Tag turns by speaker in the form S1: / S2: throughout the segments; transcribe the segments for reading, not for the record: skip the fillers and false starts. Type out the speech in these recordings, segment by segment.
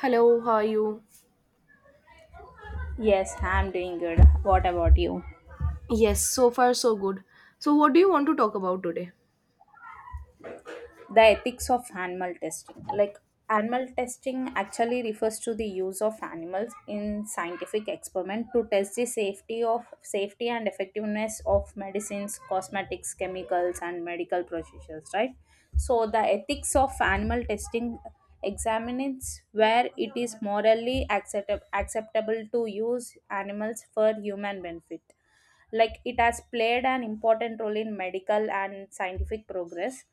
S1: Hello, how are you?
S2: Yes, I'm doing good. What about you?
S1: Yes, so far so good. So, what do you want to talk about today?
S2: The ethics of animal testing. Animal testing actually refers to the use of animals in scientific experiment to test the safety of safety and effectiveness of medicines, cosmetics, chemicals, and medical procedures, right? So, the ethics of animal testing examines where it is morally acceptable to use animals for human benefit. Like it has played an important role in medical and scientific progress.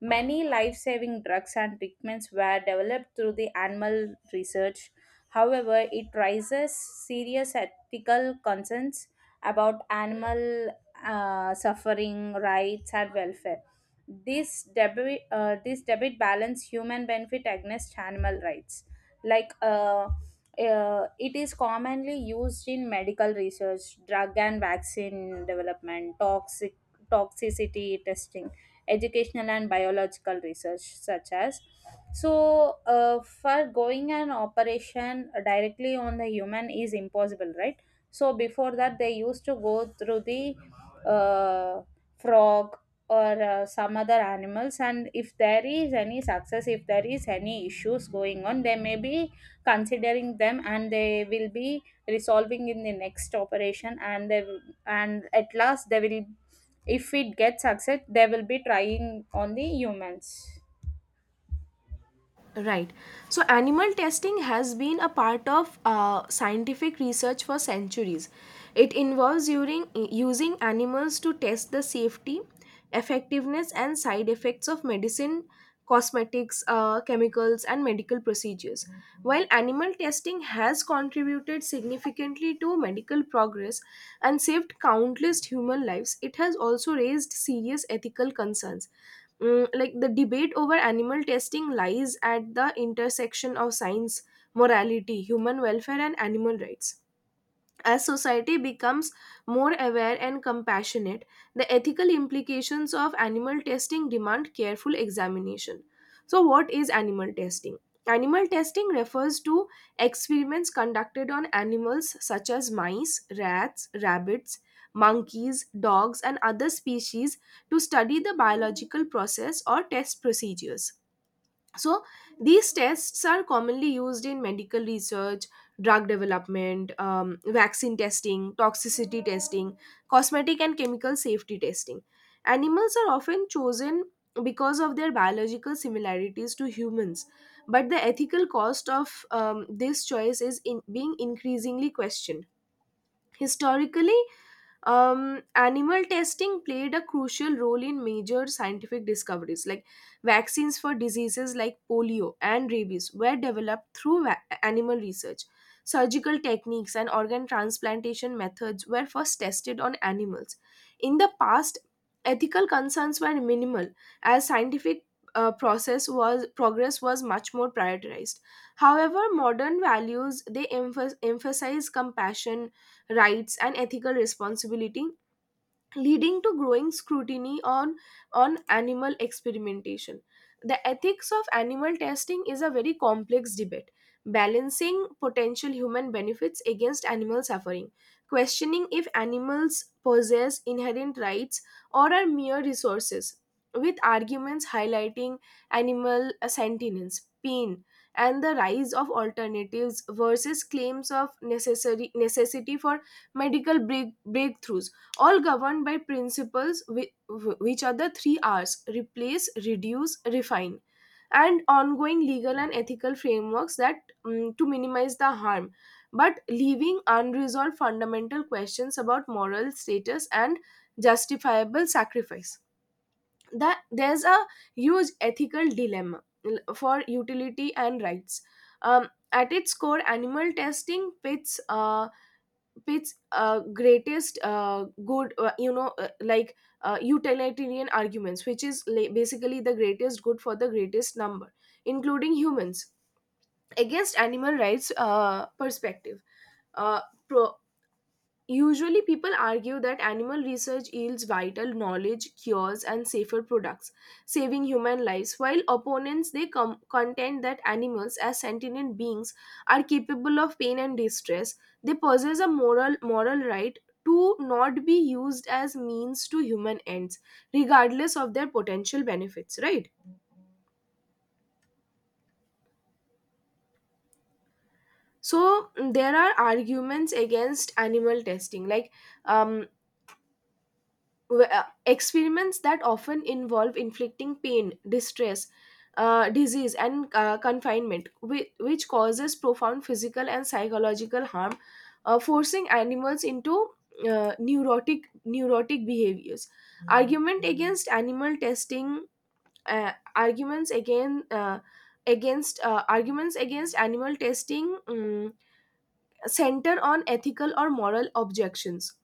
S2: Many life-saving drugs and treatments were developed through the animal research. However, it raises serious ethical concerns about animal suffering, rights and welfare. This debate balance human benefit against animal rights. like uh, it is commonly used in medical research, drug and vaccine development, toxicity testing, educational and biological research, such as. So, for going an operation directly on the human is impossible, right? So before that, they used to go through the uh, frog or some other animals, and if there is any success, if there is any issues going on, they may be considering them and they will be resolving in the next operation and they will, and at last they will, if it gets success they will be trying on the humans.
S1: Right. So, animal testing has been a part of scientific research for centuries. It involves using animals to test the safety, effectiveness, and side effects of medicine, cosmetics, chemicals, and medical procedures. While animal testing has contributed significantly to medical progress and saved countless human lives, it has also raised serious ethical concerns. Like the debate over animal testing lies at the intersection of science, morality, human welfare, and animal rights. As society becomes more aware and compassionate, the ethical implications of animal testing demand careful examination. So, what is animal testing? Animal testing refers to experiments conducted on animals such as mice, rats, rabbits, monkeys, dogs, and other species to study the biological process or test procedures. So these tests are commonly used in medical research, drug development, vaccine testing, toxicity testing, cosmetic and chemical safety testing. Animals are often chosen because of their biological similarities to humans, but the ethical cost of this choice is in being increasingly questioned. Historically, animal testing played a crucial role in major scientific discoveries. Like vaccines for diseases like polio and rabies were developed through animal research. Surgical techniques and organ transplantation methods were first tested on animals. In the past, ethical concerns were minimal as scientific process was progress was much more prioritized. However, modern values they emphasize compassion, rights and ethical responsibility, leading to growing scrutiny on animal experimentation. The ethics of animal testing is a very complex debate, balancing potential human benefits against animal suffering, questioning if animals possess inherent rights or are mere resources, with arguments highlighting animal sentience, pain, and the rise of alternatives versus claims of necessary necessity for breakthroughs, all governed by principles which are the three R's: replace, reduce, refine, and ongoing legal and ethical frameworks that, to minimize the harm, but leaving unresolved fundamental questions about moral status and justifiable sacrifice. That there's a huge ethical dilemma for utility and rights. At its core, animal testing pits its greatest good you know like utilitarian arguments, which is basically the greatest good for the greatest number, including humans, against animal rights perspective. uh, pro- Usually, people argue that animal research yields vital knowledge, cures, and safer products, saving human lives. While opponents, they contend that animals, as sentient beings, are capable of pain and distress. They possess a moral right to not be used as means to human ends, regardless of their potential benefits. Right. So there are arguments against animal testing, like um, w- uh, experiments that often involve inflicting pain, distress, disease, and confinement, which causes profound physical and psychological harm, forcing animals into neurotic behaviors. Argument against animal testing, arguments again. Against arguments against animal testing center on ethical or moral objections.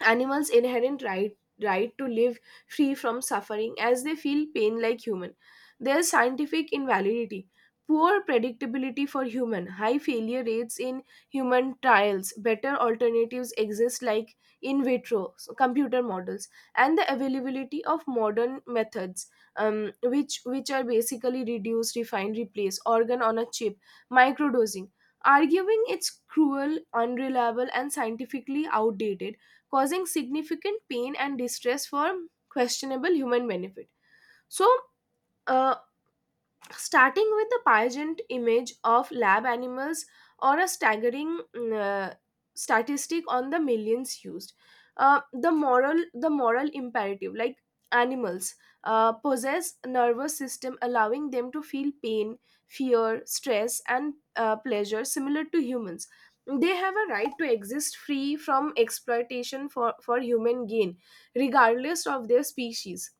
S1: Animals' inherent right, right to live free from suffering, as they feel pain like human. Their scientific invalidity, poor predictability for human, high failure rates in human trials. Better alternatives exist, like in vitro, so computer models, and the availability of modern methods, which are basically reduce, refine, replace, organ on a chip, microdosing, arguing it's cruel, unreliable and scientifically outdated, causing significant pain and distress for questionable human benefit. So, uh, starting with the pageant image of lab animals, or a staggering statistic on the millions used, the moral imperative. Like animals possess nervous system allowing them to feel pain, fear, stress and pleasure similar to humans. They have a right to exist free from exploitation for human gain, regardless of their species.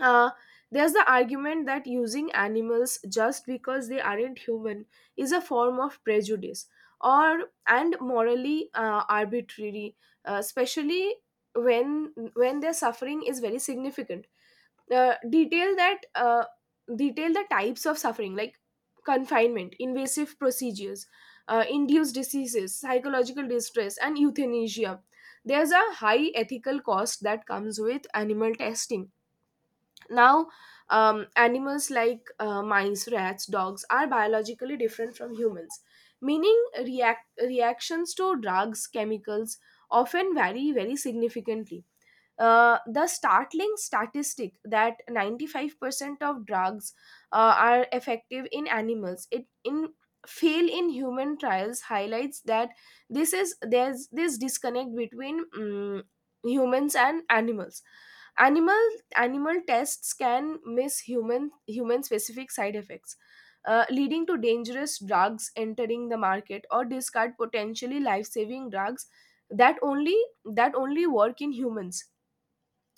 S1: uh, there's the argument that using animals just because they aren't human is a form of prejudice, or and morally arbitrary, especially when their suffering is very significant. uh, detail that uh, Detail the types of suffering, like confinement, invasive procedures, induced diseases, psychological distress and euthanasia. There's a high ethical cost that comes with animal testing. Now, animals like mice, rats, dogs are biologically different from humans, meaning reactions to drugs, chemicals often vary very significantly. The startling statistic that 95% of drugs are effective in animals it in fail in human trials highlights that this is there's this disconnect between, humans and animals. animal Animal tests can miss human specific side effects, leading to dangerous drugs entering the market, or discard potentially life saving drugs that only that only work in humans.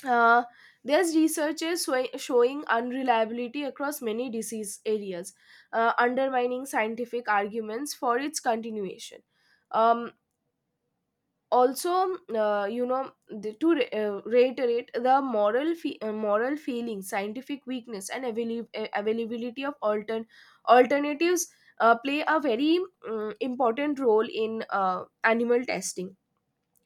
S1: uh, there's researches showing unreliability across many disease areas, undermining scientific arguments for its continuation. Um, also you know the, to re- reiterate the moral feeling, scientific weakness and availability of alternatives play a very important role in animal testing.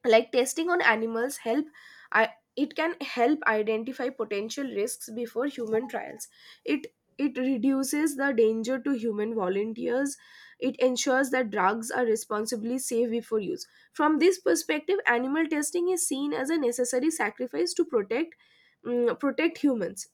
S1: Like testing on animals help. I, it can help identify potential risks before human trials. It it reduces the danger to human volunteers. It ensures that drugs are responsibly safe before use. From this perspective, animal testing is seen as a necessary sacrifice to protect, protect humans.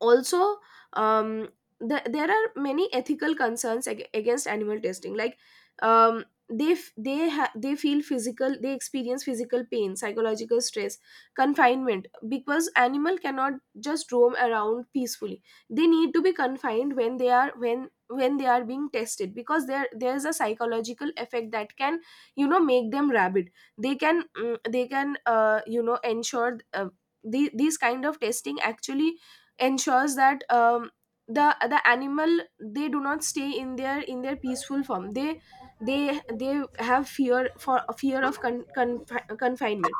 S1: Also, um, there are many ethical concerns against animal testing, like um, they f- they ha- they feel physical they experience physical pain, psychological stress, confinement, because animal cannot just roam around peacefully. They need to be confined when they are being tested, because there is a psychological effect that can, you know, make them rabid. They can mm, they can you know ensure the, These kind of testing actually ensures that, the animal, they do not stay in their peaceful form. They have fear of confinement.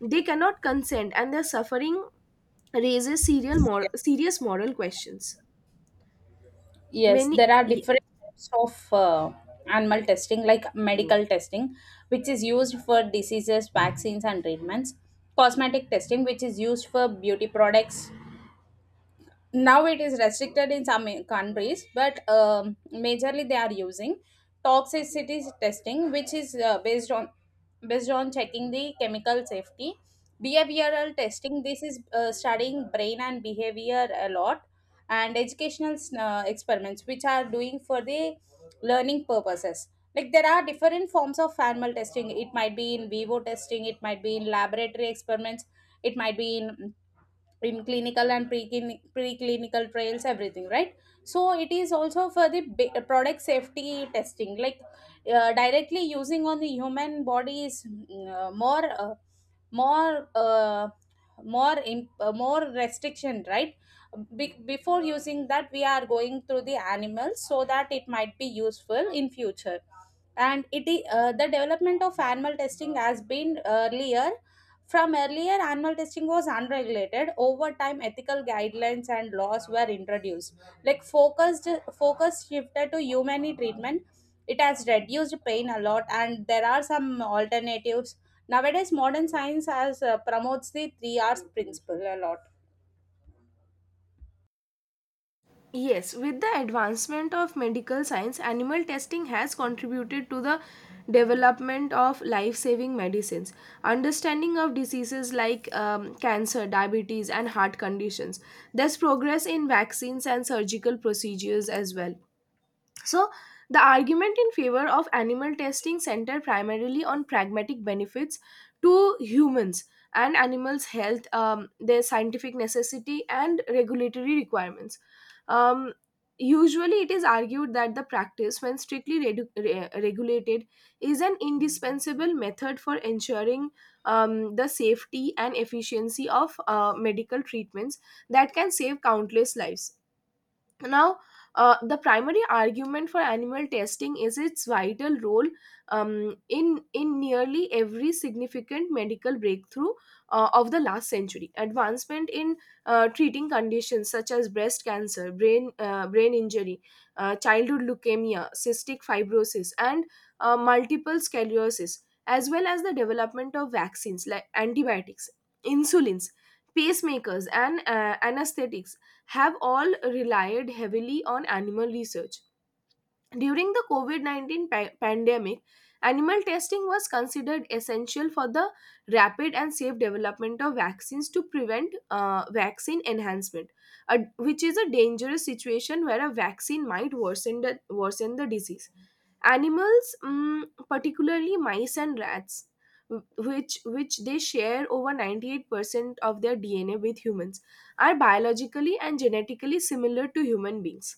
S1: They cannot consent, and their suffering raises serious moral questions.
S2: Yes,
S1: Many.
S2: there are different types of animal testing, like medical testing which is used for diseases, vaccines and treatments, cosmetic testing which is used for beauty products. Now it is restricted in some countries, but majorly they are using toxicity testing, which is based on checking the chemical safety. Behavioral testing, this is studying brain and behavior a lot. And educational experiments which are doing for the learning purposes. Like, there are different forms of animal testing. It might be in vivo testing, it might be in laboratory experiments, it might be in clinical and preclinical trials, everything, right? So it is also for the product safety testing. Like, directly using on the human body is mm, more more more imp- more restriction, right? Before using that, we are going through the animals so that it might be useful in future. And it is, the development of animal testing has been earlier. From earlier, animal testing was unregulated. Over time, ethical guidelines and laws were introduced. Like focused, Focus shifted to humane treatment. It has reduced pain a lot, and there are some alternatives. Nowadays, modern science has promotes the three R's principle a lot.
S1: Yes, with the advancement of medical science, animal testing has contributed to the development of life saving medicines. Understanding of diseases like cancer, diabetes, and heart conditions. There's progress in vaccines and surgical procedures as well. So, the argument in favor of animal testing center primarily on pragmatic benefits to humans and animals' health, their scientific necessity, and regulatory requirements. Um, usually, it is argued that the practice, when strictly regulated, is an indispensable method for ensuring the safety and efficiency of medical treatments that can save countless lives. Now, the primary argument for animal testing is its vital role, in nearly every significant medical breakthrough of the last century. Advancement in treating conditions such as breast cancer, brain injury, childhood leukemia, cystic fibrosis and multiple sclerosis, as well as the development of vaccines, like antibiotics, insulins, pacemakers and anesthetics, have all relied heavily on animal research. During the COVID 19 pandemic, animal testing was considered essential for the rapid and safe development of vaccines to prevent vaccine enhancement, which is a dangerous situation where a vaccine might worsen the disease. Animals, particularly mice and rats, which they share over 98% of their DNA with humans, are biologically and genetically similar to human beings.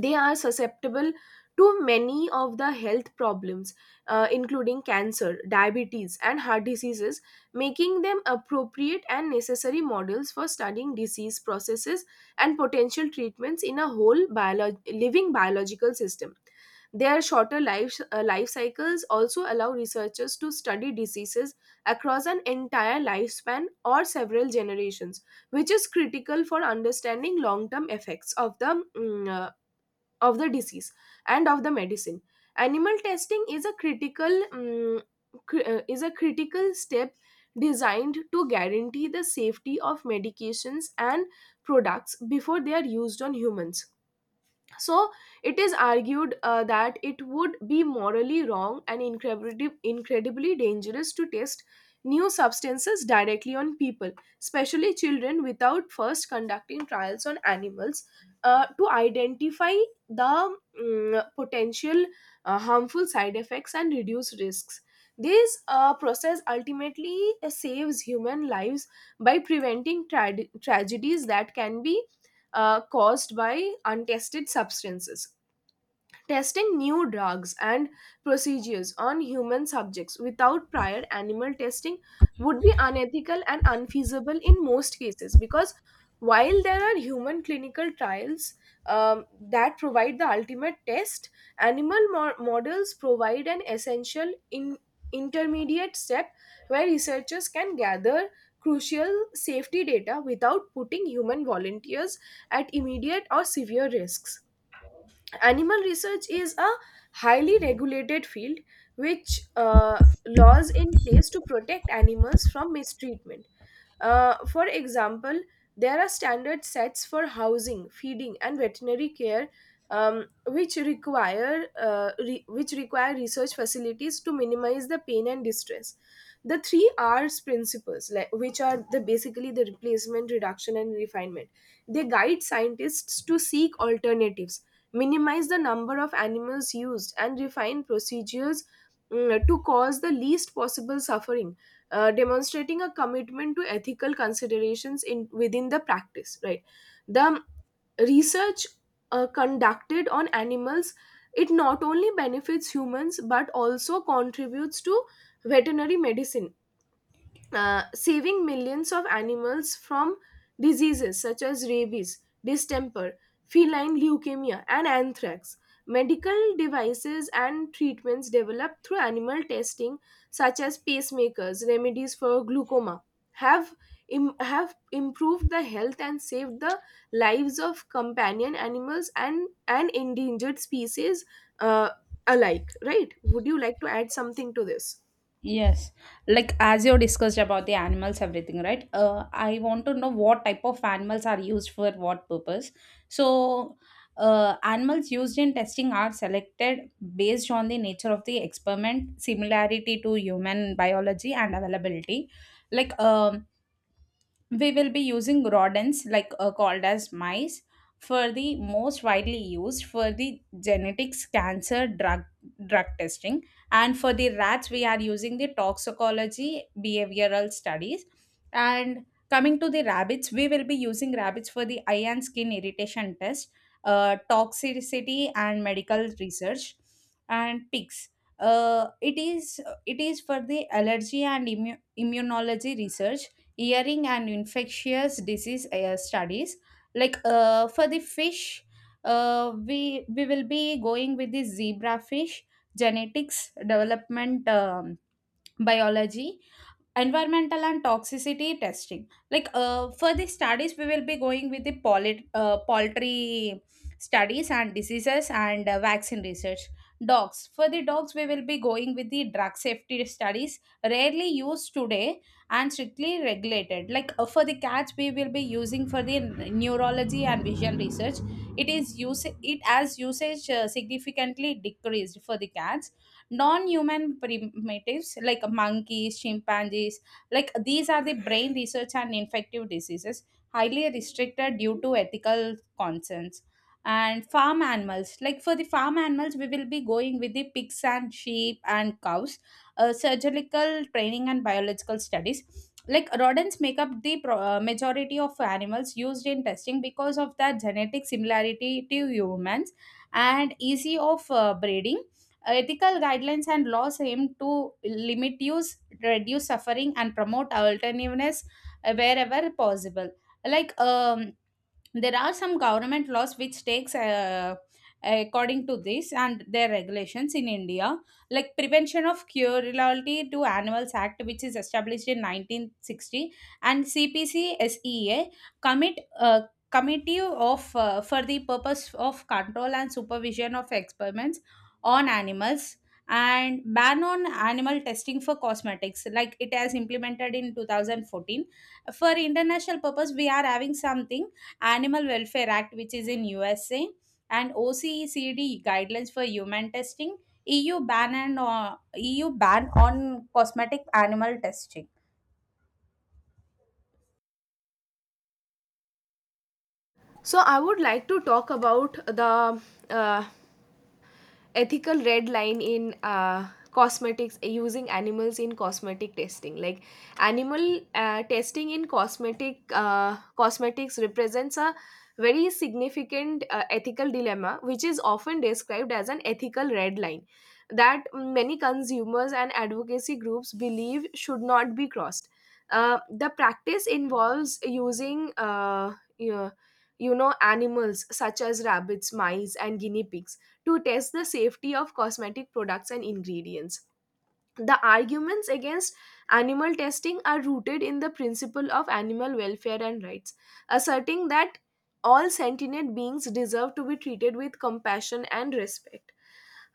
S1: They are susceptible to many of the health problems, including cancer, diabetes, and heart diseases, making them appropriate and necessary models for studying disease processes and potential treatments in a whole living biological system. Their shorter life cycles also allow researchers to study diseases across an entire lifespan or several generations, which is critical for understanding long term effects of the of the disease and of the medicine. Animal testing is a critical step designed to guarantee the safety of medications and products before they are used on humans. So it is argued that it would be morally wrong and incredibly dangerous to test new substances directly on people, especially children, without first conducting trials on animals to identify the, potential harmful side effects and reduce risks. This process ultimately saves human lives by preventing trad tragedies that can be caused by untested substances. Testing new drugs and procedures on human subjects without prior animal testing would be unethical and unfeasible in most cases, because while there are human clinical trials that provide the ultimate test, animal models provide an essential intermediate step where researchers can gather crucial safety data without putting human volunteers at immediate or severe risks. Animal research is a highly regulated field, which laws in place to protect animals from mistreatment. For example, there are standard sets for housing, feeding, and veterinary care, which require which require research facilities to minimize the pain and distress. The three R's principles, like, which are the basically the replacement, reduction, and refinement, they guide scientists to seek alternatives, minimize the number of animals used, and refine procedures, to cause the least possible suffering, demonstrating a commitment to ethical considerations in within the practice, right? The research conducted on animals, it not only benefits humans but also contributes to veterinary medicine, saving millions of animals from diseases such as rabies, distemper, feline leukemia, and anthrax. Medical devices and treatments developed through animal testing, such as pacemakers, remedies for glaucoma, have have improved the health and saved the lives of companion animals and endangered species, uh, alike. Right? Would you like to add something to this?
S2: Yes, like as you discussed about the animals, everything, right? I want to know what type of animals are used for what purpose. So, animals used in testing are selected based on the nature of the experiment, similarity to human biology, and availability. Like, we will be using rodents like, called as mice, for the most widely used for the genetics, cancer, drug testing. And for the rats, we are using the toxicology behavioral studies. And coming to the rabbits, we will be using rabbits for the eye and skin irritation test, toxicity and medical research. And pigs, uh, it is it is for the allergy and immunology research, earring and infectious disease studies. Like, for the fish, we will be going with the zebrafish, genetics, development, biology, environmental and toxicity testing. Like, for the studies, we will be going with the poultry, studies and diseases and vaccine research. Dogs, for the dogs we will be going with the drug safety studies, rarely used today and strictly regulated. Like, for the cats we will be using for the neurology and vision research. It is use it as usage significantly decreased for the cats. Non-human primatives like monkeys, chimpanzees, like these are the brain research and infective diseases, highly restricted due to ethical concerns. And farm animals, like for the farm animals we will be going with the pigs and sheep and cows, surgical training and biological studies. Like, rodents make up the majority of animals used in testing because of their genetic similarity to humans and easy of breeding. Ethical guidelines and laws aim to limit use, reduce suffering and promote alternativeness wherever possible. like um, there are some government laws which takes according to this and their regulations in India, like Prevention of Cruelty to Animals Act, which is established in 1960, and CPCSEA, commit uh, committee of for the purpose of control and supervision of experiments on animals. And ban on animal testing for cosmetics, like it has implemented in 2014. For international purpose we are having something, Animal Welfare Act which is in USA, and OECD guidelines for human testing, EU ban on cosmetic animal testing.
S1: So, I would like to talk about the uh, ethical red line in cosmetics, using animals in cosmetic testing. Like, animal testing in cosmetics represents a very significant ethical dilemma, which is often described as an ethical red line that many consumers and advocacy groups believe should not be crossed. The practice involves using, you you know, animals such as rabbits, mice, and guinea pigs to test the safety of cosmetic products and ingredients. The arguments against animal testing are rooted in the principle of animal welfare and rights, asserting that all sentient beings deserve to be treated with compassion and respect.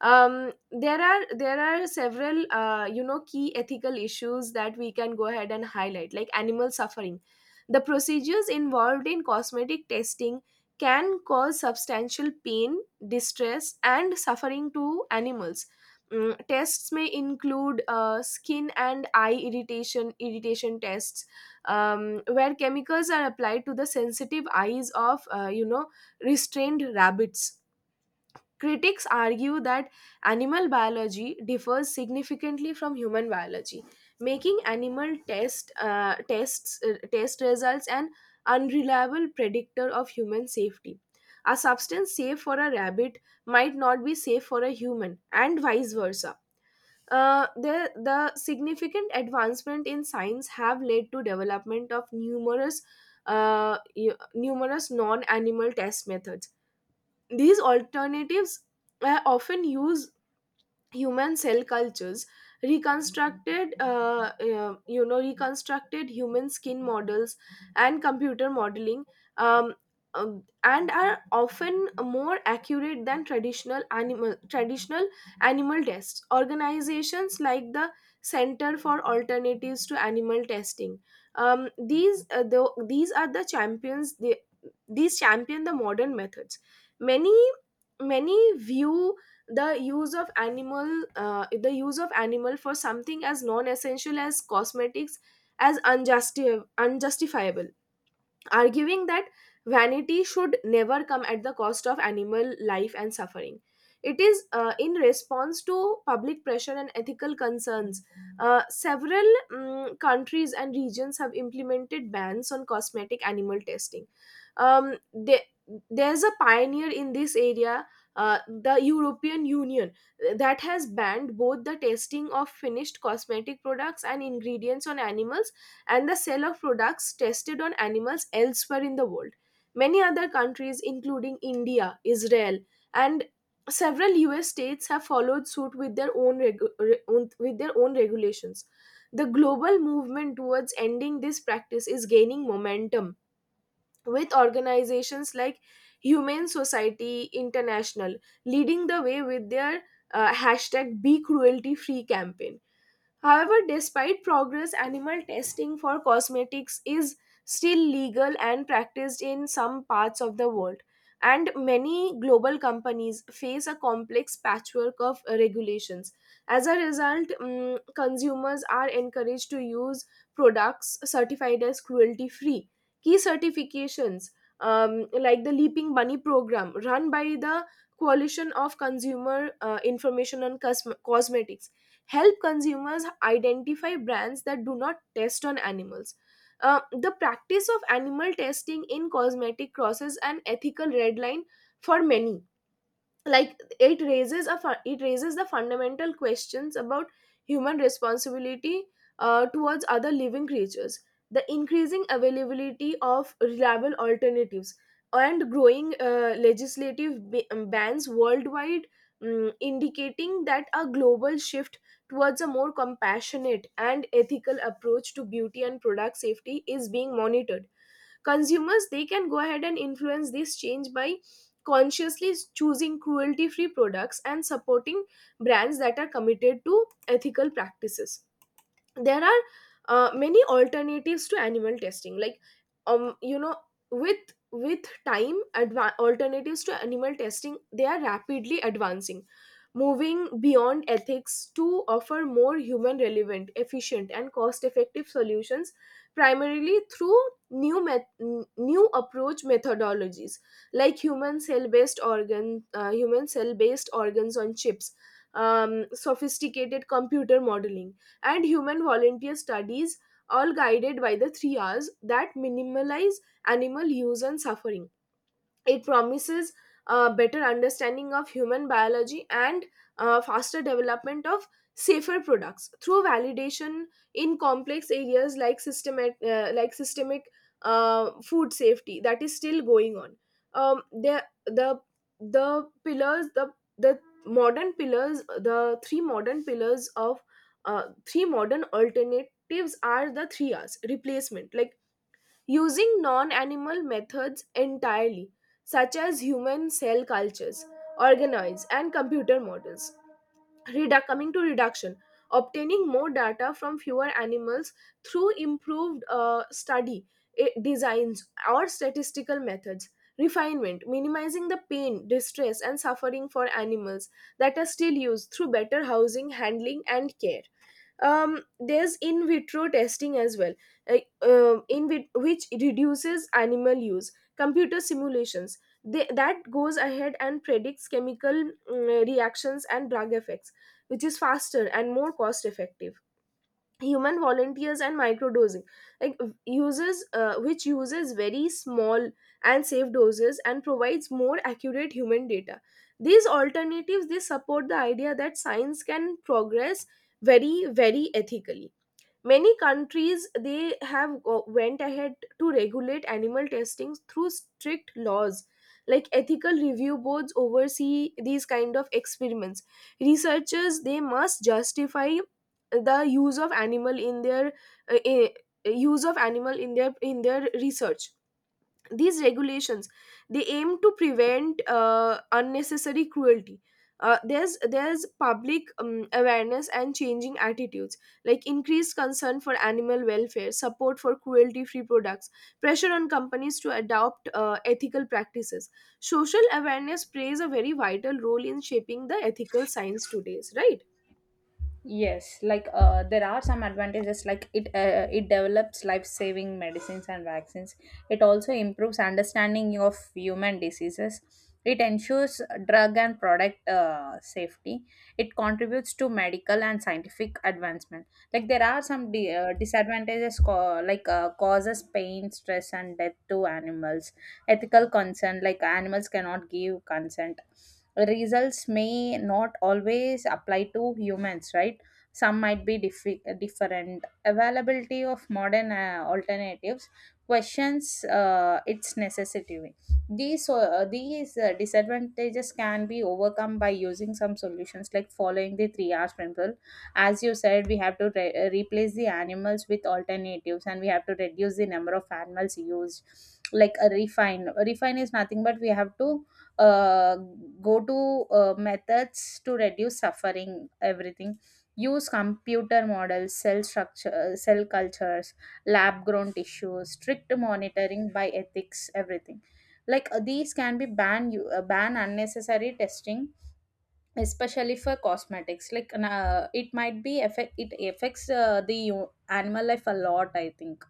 S1: There are several, you know, key ethical issues that we can go ahead and highlight, like animal suffering. The procedures involved in cosmetic testing can cause substantial pain, distress, and suffering to animals. Mm, tests may include skin and eye irritation tests, where chemicals are applied to the sensitive eyes of, you know, restrained rabbits. Critics argue that animal biology differs significantly from human biology, making animal test tests test results an unreliable predictor of human safety. A substance safe for a rabbit might not be safe for a human, and vice versa. The significant advancement in science have led to development of numerous, numerous non-animal test methods. These alternatives are often used: human cell cultures, reconstructed you know reconstructed human skin models, and computer modeling. um, and are often more accurate than traditional animal tests. Organizations like the Center for Alternatives to Animal Testing, these the, these are the champions they, these champion the modern methods. Many many view the use of animal the use of animal for something as non-essential as cosmetics as unjustifiable, arguing that vanity should never come at the cost of animal life and suffering. It is, in response to public pressure and ethical concerns. Several mm, countries and regions have implemented bans on cosmetic animal testing. Um, the- there's a pioneer in this area, the European Union, that has banned both the testing of finished cosmetic products and ingredients on animals, and the sale of products tested on animals elsewhere in the world. Many other countries, including India, Israel, and several US states, have followed suit with their own, with their own regulations. The global movement towards ending this practice is gaining momentum, with organizations like Humane Society International leading the way with their hashtag Be Cruelty Free campaign. However, despite progress, animal testing for cosmetics is still legal and practiced in some parts of the world, and many global companies face a complex patchwork of regulations. As a result, mm, consumers are encouraged to use products certified as cruelty free. Key certifications, like the Leaping Bunny program, run by the Coalition of Consumer Information on Cosmetics, help consumers identify brands that do not test on animals. The practice of animal testing in cosmetic crosses an ethical red line for many. Like, it raises it raises the fundamental questions about human responsibility towards other living creatures. The increasing availability of reliable alternatives and growing bans worldwide, mm, indicating that a global shift towards a more compassionate and ethical approach to beauty and product safety is being monitored. Consumers, they can go ahead and influence this change by consciously choosing cruelty free products and supporting brands that are committed to ethical practices. There are many alternatives to animal testing, like, um you know with alternatives to animal testing, they are rapidly advancing, moving beyond ethics to offer more human relevant, efficient, and cost effective solutions, primarily through new approach methodologies like human cell based organs on chips, sophisticated computer modeling, and human volunteer studies, all guided by the three R's that minimalize animal use and suffering. It promises a better understanding of human biology and faster development of safer products through validation in complex areas like systemic food safety, that is still going on. Um, the the the pillars the modern pillars the three modern pillars of, three modern alternatives are the three R's. Replacement, like using non animal methods entirely, such as human cell cultures, organoids, and computer models. Redu- coming to reduction, obtaining more data from fewer animals through improved study designs or statistical methods. Refinement, minimizing the pain, distress, and suffering for animals that are still used through better housing, handling, and care. There's in vitro testing as well, uh, which reduces animal use. Computer simulations, that goes ahead and predicts chemical, mm, reactions and drug effects, which is faster and more cost effective. Human volunteers and microdosing, like, uses which uses very small and safe doses, and provides more accurate human data. These alternatives, they support the idea that science can progress very, very ethically. Many countries, they have went ahead to regulate animal testing through strict laws, like ethical review boards oversee these kind of experiments. Researchers, they must justify the use of animal in their uh, eh, in their research. These regulations, they aim to prevent unnecessary cruelty. There's public, awareness and changing attitudes, like increased concern for animal welfare, support for cruelty free products, pressure on companies to adopt ethical practices. Social awareness plays a very vital role in shaping the ethical science today, right?
S2: Yes, like, there are some advantages. Like it, it develops life-saving medicines and vaccines. It also improves understanding of human diseases. It ensures drug and product safety. It contributes to medical and scientific advancement. Like, there are some disadvantages, like causes pain, stress, and death to animals. Ethical concern, like animals cannot give consent. Results may not always apply to humans, right? Some might be different availability of modern alternatives, questions its necessity. These disadvantages can be overcome by using some solutions, like following the 3 hours principle. As you said, we have to replace the animals with alternatives, and we have to reduce the number of animals used. Like, A refine is nothing but we have to uh, go to methods to reduce suffering, everything. Use computer models, cell structure, cell cultures, lab grown tissues, strict monitoring by ethics, everything. Like, these can be ban unnecessary testing, especially for cosmetics. Like, it might be affect, it affects the animal life a lot, I think.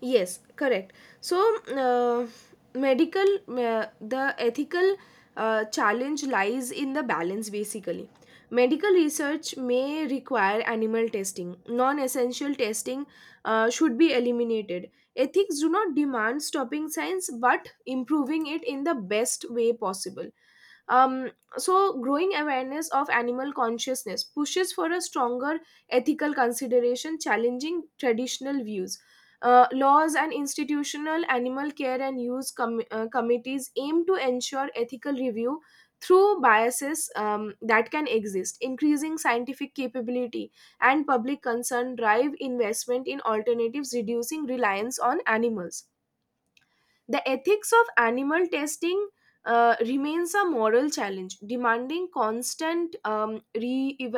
S1: Yes, correct. So, uh, the ethical challenge lies in the balance, basically. Medical research may require animal testing. Non essential testing should be eliminated. Ethics do not demand stopping science, but improving it in the best way possible. Um, so, growing awareness of animal consciousness pushes for a stronger ethical consideration, challenging traditional views. Laws and institutional animal care and use committees aim to ensure ethical review through biases, that can exist. Increasing scientific capability and public concern drive investment in alternatives, reducing reliance on animals. The ethics of animal testing remains a moral challenge, demanding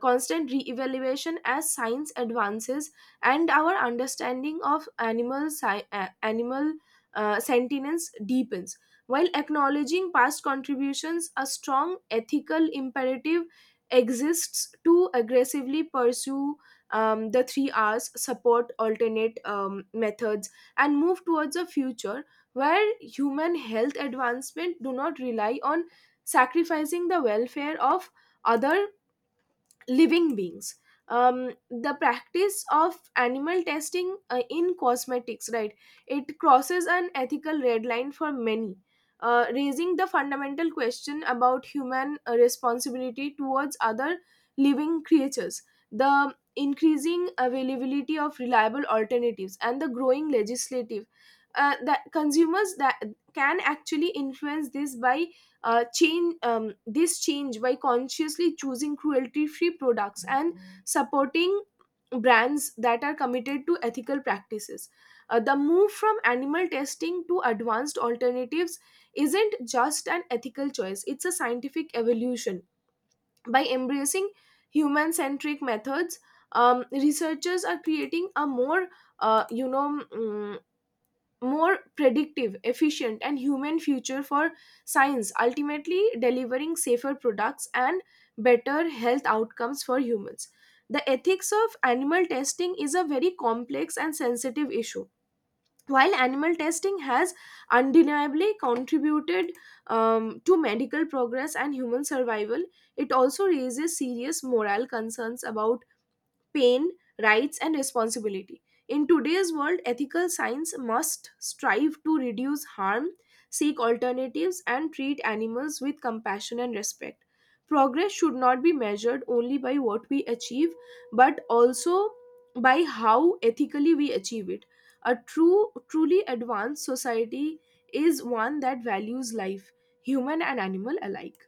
S1: constant re-evaluation as science advances, and our understanding of animal, sentience deepens. While acknowledging past contributions, a strong ethical imperative exists to aggressively pursue, the three R's, support alternate, methods, and move towards a future where human health advancement do not rely on sacrificing the welfare of other living beings. The practice of animal testing in cosmetics, right, it crosses an ethical red line for many, raising the fundamental question about human responsibility towards other living creatures. The increasing availability of reliable alternatives and the growing legislative, that consumers, that can actually influence this by, change this change by consciously choosing cruelty free products and supporting brands that are committed to ethical practices. The move from animal testing to advanced alternatives isn't just an ethical choice, it's a scientific evolution. By embracing human centric methods, researchers are creating a more, uh, you know mm, more predictive, efficient, and human future for science, ultimately delivering safer products and better health outcomes for humans. The ethics of animal testing is a very complex and sensitive issue. While animal testing has undeniably contributed, to medical progress and human survival, it also raises serious moral concerns about pain, rights, and responsibility. In today's world, ethical science must strive to reduce harm, seek alternatives, and treat animals with compassion and respect. Progress should not be measured only by what we achieve, but also by how ethically we achieve it. Truly advanced society is one that values life, human and animal alike.